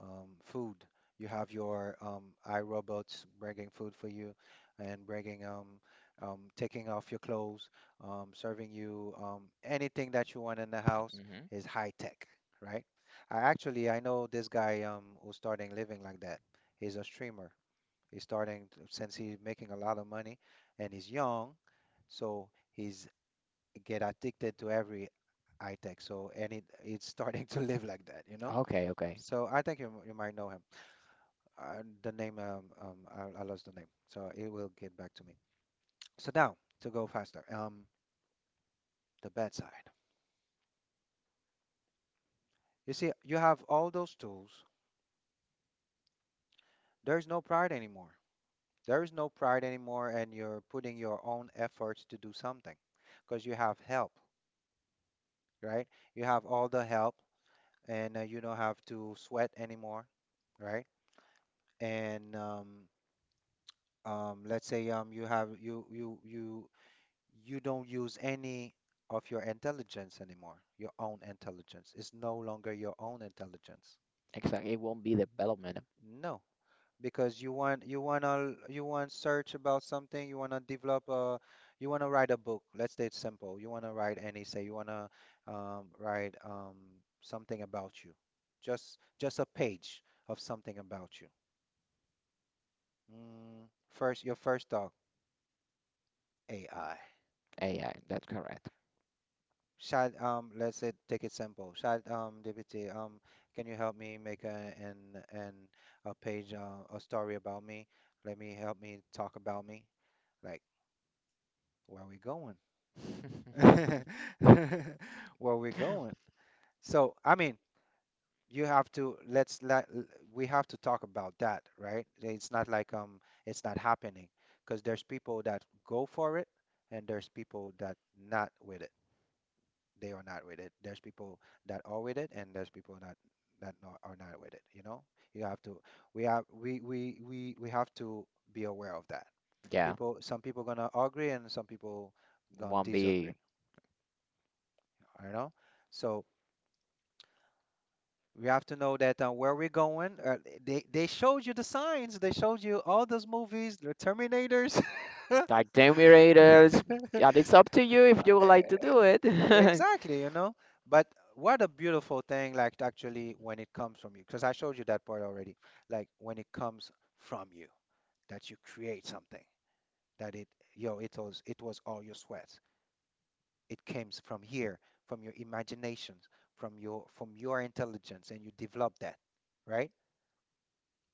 S1: food. You have your, iRobots bringing food for you and bringing, taking off your clothes, serving you, anything that you want in the house
S2: Mhm.
S1: is high tech, right? I actually I know this guy, who's starting living like that. He's a streamer. He's starting since he's making a lot of money and he's young, so he's get addicted to every high tech. So and it, it's starting to live like that, you know?
S2: Okay, okay.
S1: So I think you might know him. The name, I lost the name, so it will get back to me. So now to go faster, the bedside. You see, you have all those tools. There is no pride anymore. There is no pride anymore, and you're putting your own efforts to do something, because you have help, right? You have all the help, and you don't have to sweat anymore, right? And let's say, you have you don't use any of your intelligence anymore. Your own intelligence is no longer your own intelligence.
S2: Exactly. It won't be development
S1: No, because you want search about something, you want to develop a, you want to write a book. Let's say it's simple. You want to write an essay. You want to, write, something about you. Just a page of something about you. Mm, first, your first thought, AI.
S2: AI. That's correct.
S1: Shad, let's say take it simple. Shad, DPT, can you help me make a an a page, a story about me? Let me help me talk about me. Like, where we going? Where we going? So I mean, you have to, we have to talk about that, right? It's not like, it's not happening because there's people that go for it, and there's people that not with, they are not with it. There's people that are with it, and there's people that that not, are not with it. You know, you have to. We have to be aware of that.
S2: Yeah,
S1: People, some people gonna agree, and some people gonna
S2: won't
S1: disagree.
S2: be
S1: You know, so we have to know that, where we're going. They showed you the signs. They showed you all those movies, the Terminators.
S2: like generators. Yeah, it's up to you if you would like to do it.
S1: Exactly, you know. But what a beautiful thing, like actually when it comes from you, because I showed you that part already. Like when it comes from you, that you create something, that it, yo, it was all your sweat. It came from here, from your imaginations, from your intelligence, and you develop that, right?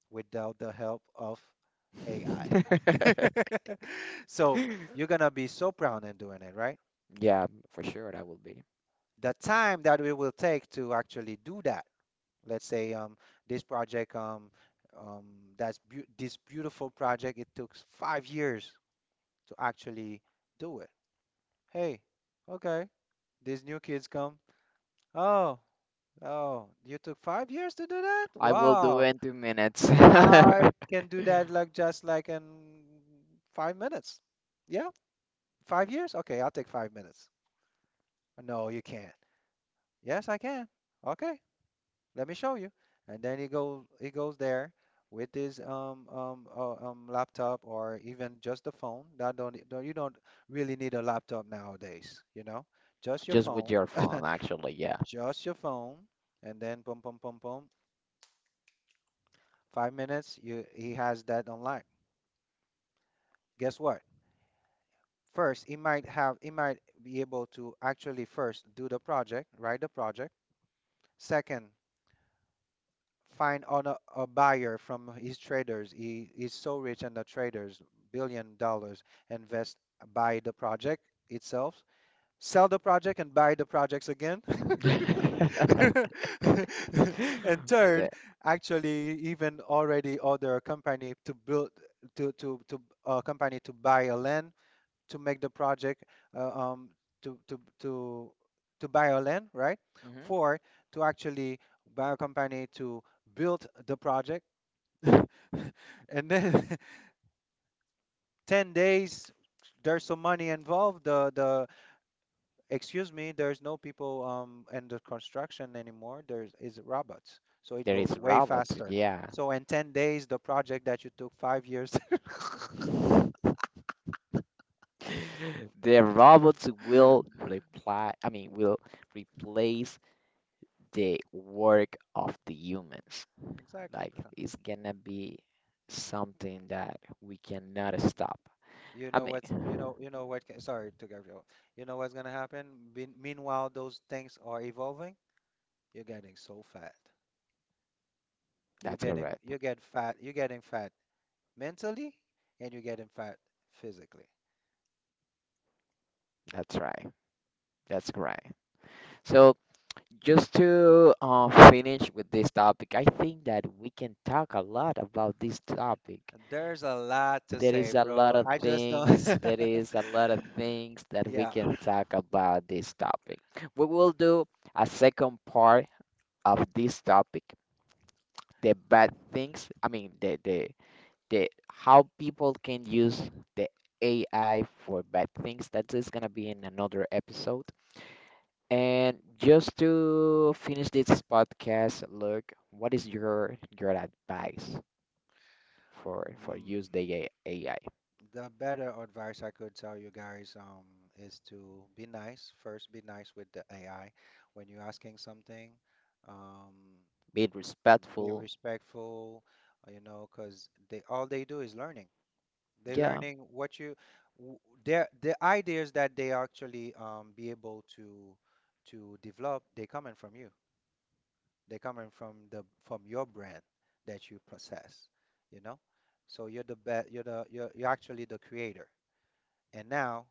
S1: Without the help of AI. So you're gonna be so proud in doing it, right?
S2: Yeah, for sure that will be.
S1: The time that it will take to actually do that. Let's say, this project, um, that's beau this beautiful project, it took 5 years to actually do it. Hey, okay, these new kids come. Oh, oh, you took 5 years to do that?
S2: I will do
S1: Wow,
S2: in 2 minutes.
S1: I can do that like just like in 5 minutes. Yeah, 5 years? Okay, I'll take 5 minutes. No, you can't. Yes, I can. Okay, let me show you. And then he goes there with his laptop or even just the phone. That don't, you don't really need a laptop nowadays, you know? Just your
S2: Just with
S1: phone,
S2: your phone, actually, yeah.
S1: just your phone, and then boom boom boom boom. 5 minutes, you he has that online. Guess what? First, he might be able to actually first do the project, write the project. Second, find on a buyer from his traders. He is so rich and the traders, billion dollars, invest, buy the project itself, sell the project and buy the projects again. And third,
S2: The,
S1: actually even already order a company to build to a company to buy a land to make the project uh, um, to, to, to, to buy a land, right?
S2: mhm.
S1: Four, to actually buy a company to build the project. And then 10 days, there's some money involved. Excuse me, there's no people in the construction anymore. There is robots. So it
S2: There
S1: goes
S2: is
S1: way
S2: robots,
S1: faster.
S2: yeah.
S1: So in 10 days, the project that you took 5 years.
S2: The robots will reply, I mean, will replace the work of the humans.
S1: Exactly,
S2: Like,
S1: bro.
S2: it's gonna be something that we cannot stop. I mean,
S1: You know what can, sorry to Gabriel. You know what's gonna happen? Meanwhile, those things are evolving. You're getting so fat.
S2: that's correct.
S1: You get fat. You're getting fat mentally, and you're getting fat physically.
S2: That's right. That's right. So, just to finish with this topic, I think that we can talk a lot about this topic.
S1: There's a lot to
S2: There
S1: say,
S2: is a lot
S1: bro.
S2: of
S1: I just don't.
S2: things, there is a lot of things that we
S1: Yeah.
S2: can talk about this topic. We will do a second part of this topic, the bad things, I mean the the how people can use the AI for bad things. That is gonna be in another episode. And just to finish this podcast, look, what is your advice for
S1: Mm,
S2: use the AI?
S1: the better advice I could tell you guys is to be nice. First, be nice with the AI when you're asking something. Um,
S2: Be
S1: be
S2: respectful.
S1: respectful, you know, because they all they do is learning. They're
S2: Yeah,
S1: learning what w- the ideas that they actually be able to develop. They coming from you. They coming from the from your brand that you possess, you know. So you're the best. You're actually the creator. And now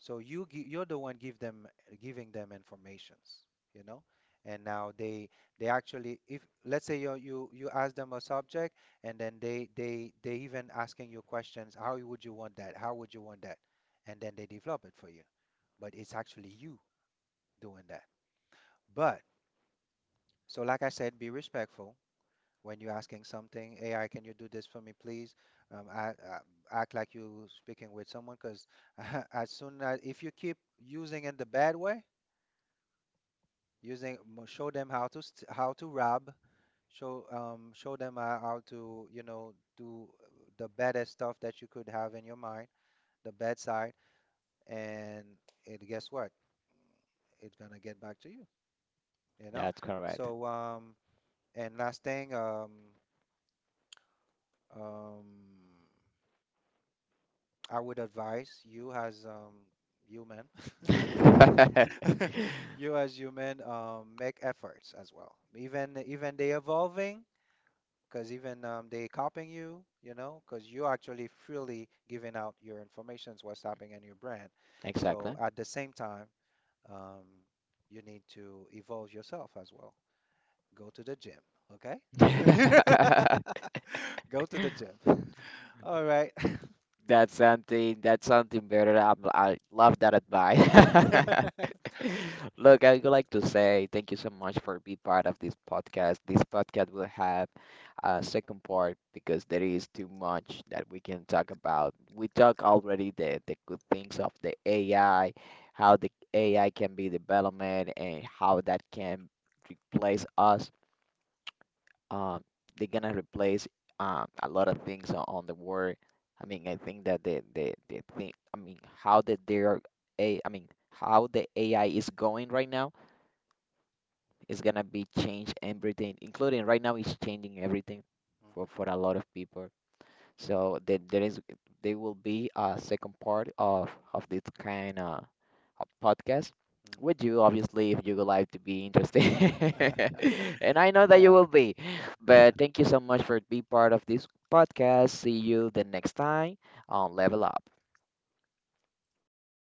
S1: so you're the one give them giving them informations, you know? And now they actually, if let's say you ask them a subject and then they even asking you questions, how would you want that? How would you want that? And then they develop it for you. But it's actually you doing that. But so like I said, be respectful when you're asking something. AI, can you do this for me, please? Um, I, I, act like you speaking with someone because as soon as if you keep using in the bad way, using show them how how to rob, show them how to, you know, do the baddest stuff that you could have in your mind, the bad side, and it, guess what, it's gonna get back to you, you know.
S2: that's correct.
S1: So and last thing, um I would advise you as human, you as human, make efforts as well, even they evolving, because even they copying you, you know, because you actually freely giving out your informations, what's happening in your brand. So
S2: Exactly.
S1: at the same time, um, you need to evolve yourself as well. Go to the gym, okay? Go to the gym. All right.
S2: That's something. That's something better. I'm, I love that advice. Look, I would like to say thank you so much for being part of this podcast. This podcast will have a second part because there is too much that we can talk about. We talk already the good things of the AI, how the AI can be development and how that can replace us um, they're gonna replace a lot of things on the world. I mean, I think that the thing, I mean, how that their I mean, how the AI is going right now is gonna be change everything, including right now it's changing everything for a lot of people. So there is there will be a second part of this kind of a podcast
S1: Mhm,
S2: with you, obviously, if you would like to be interested.
S1: mhm.
S2: And I know that you
S1: Yeah.
S2: will be. But thank you so much for being part of this podcast. See you the next time on Level Up.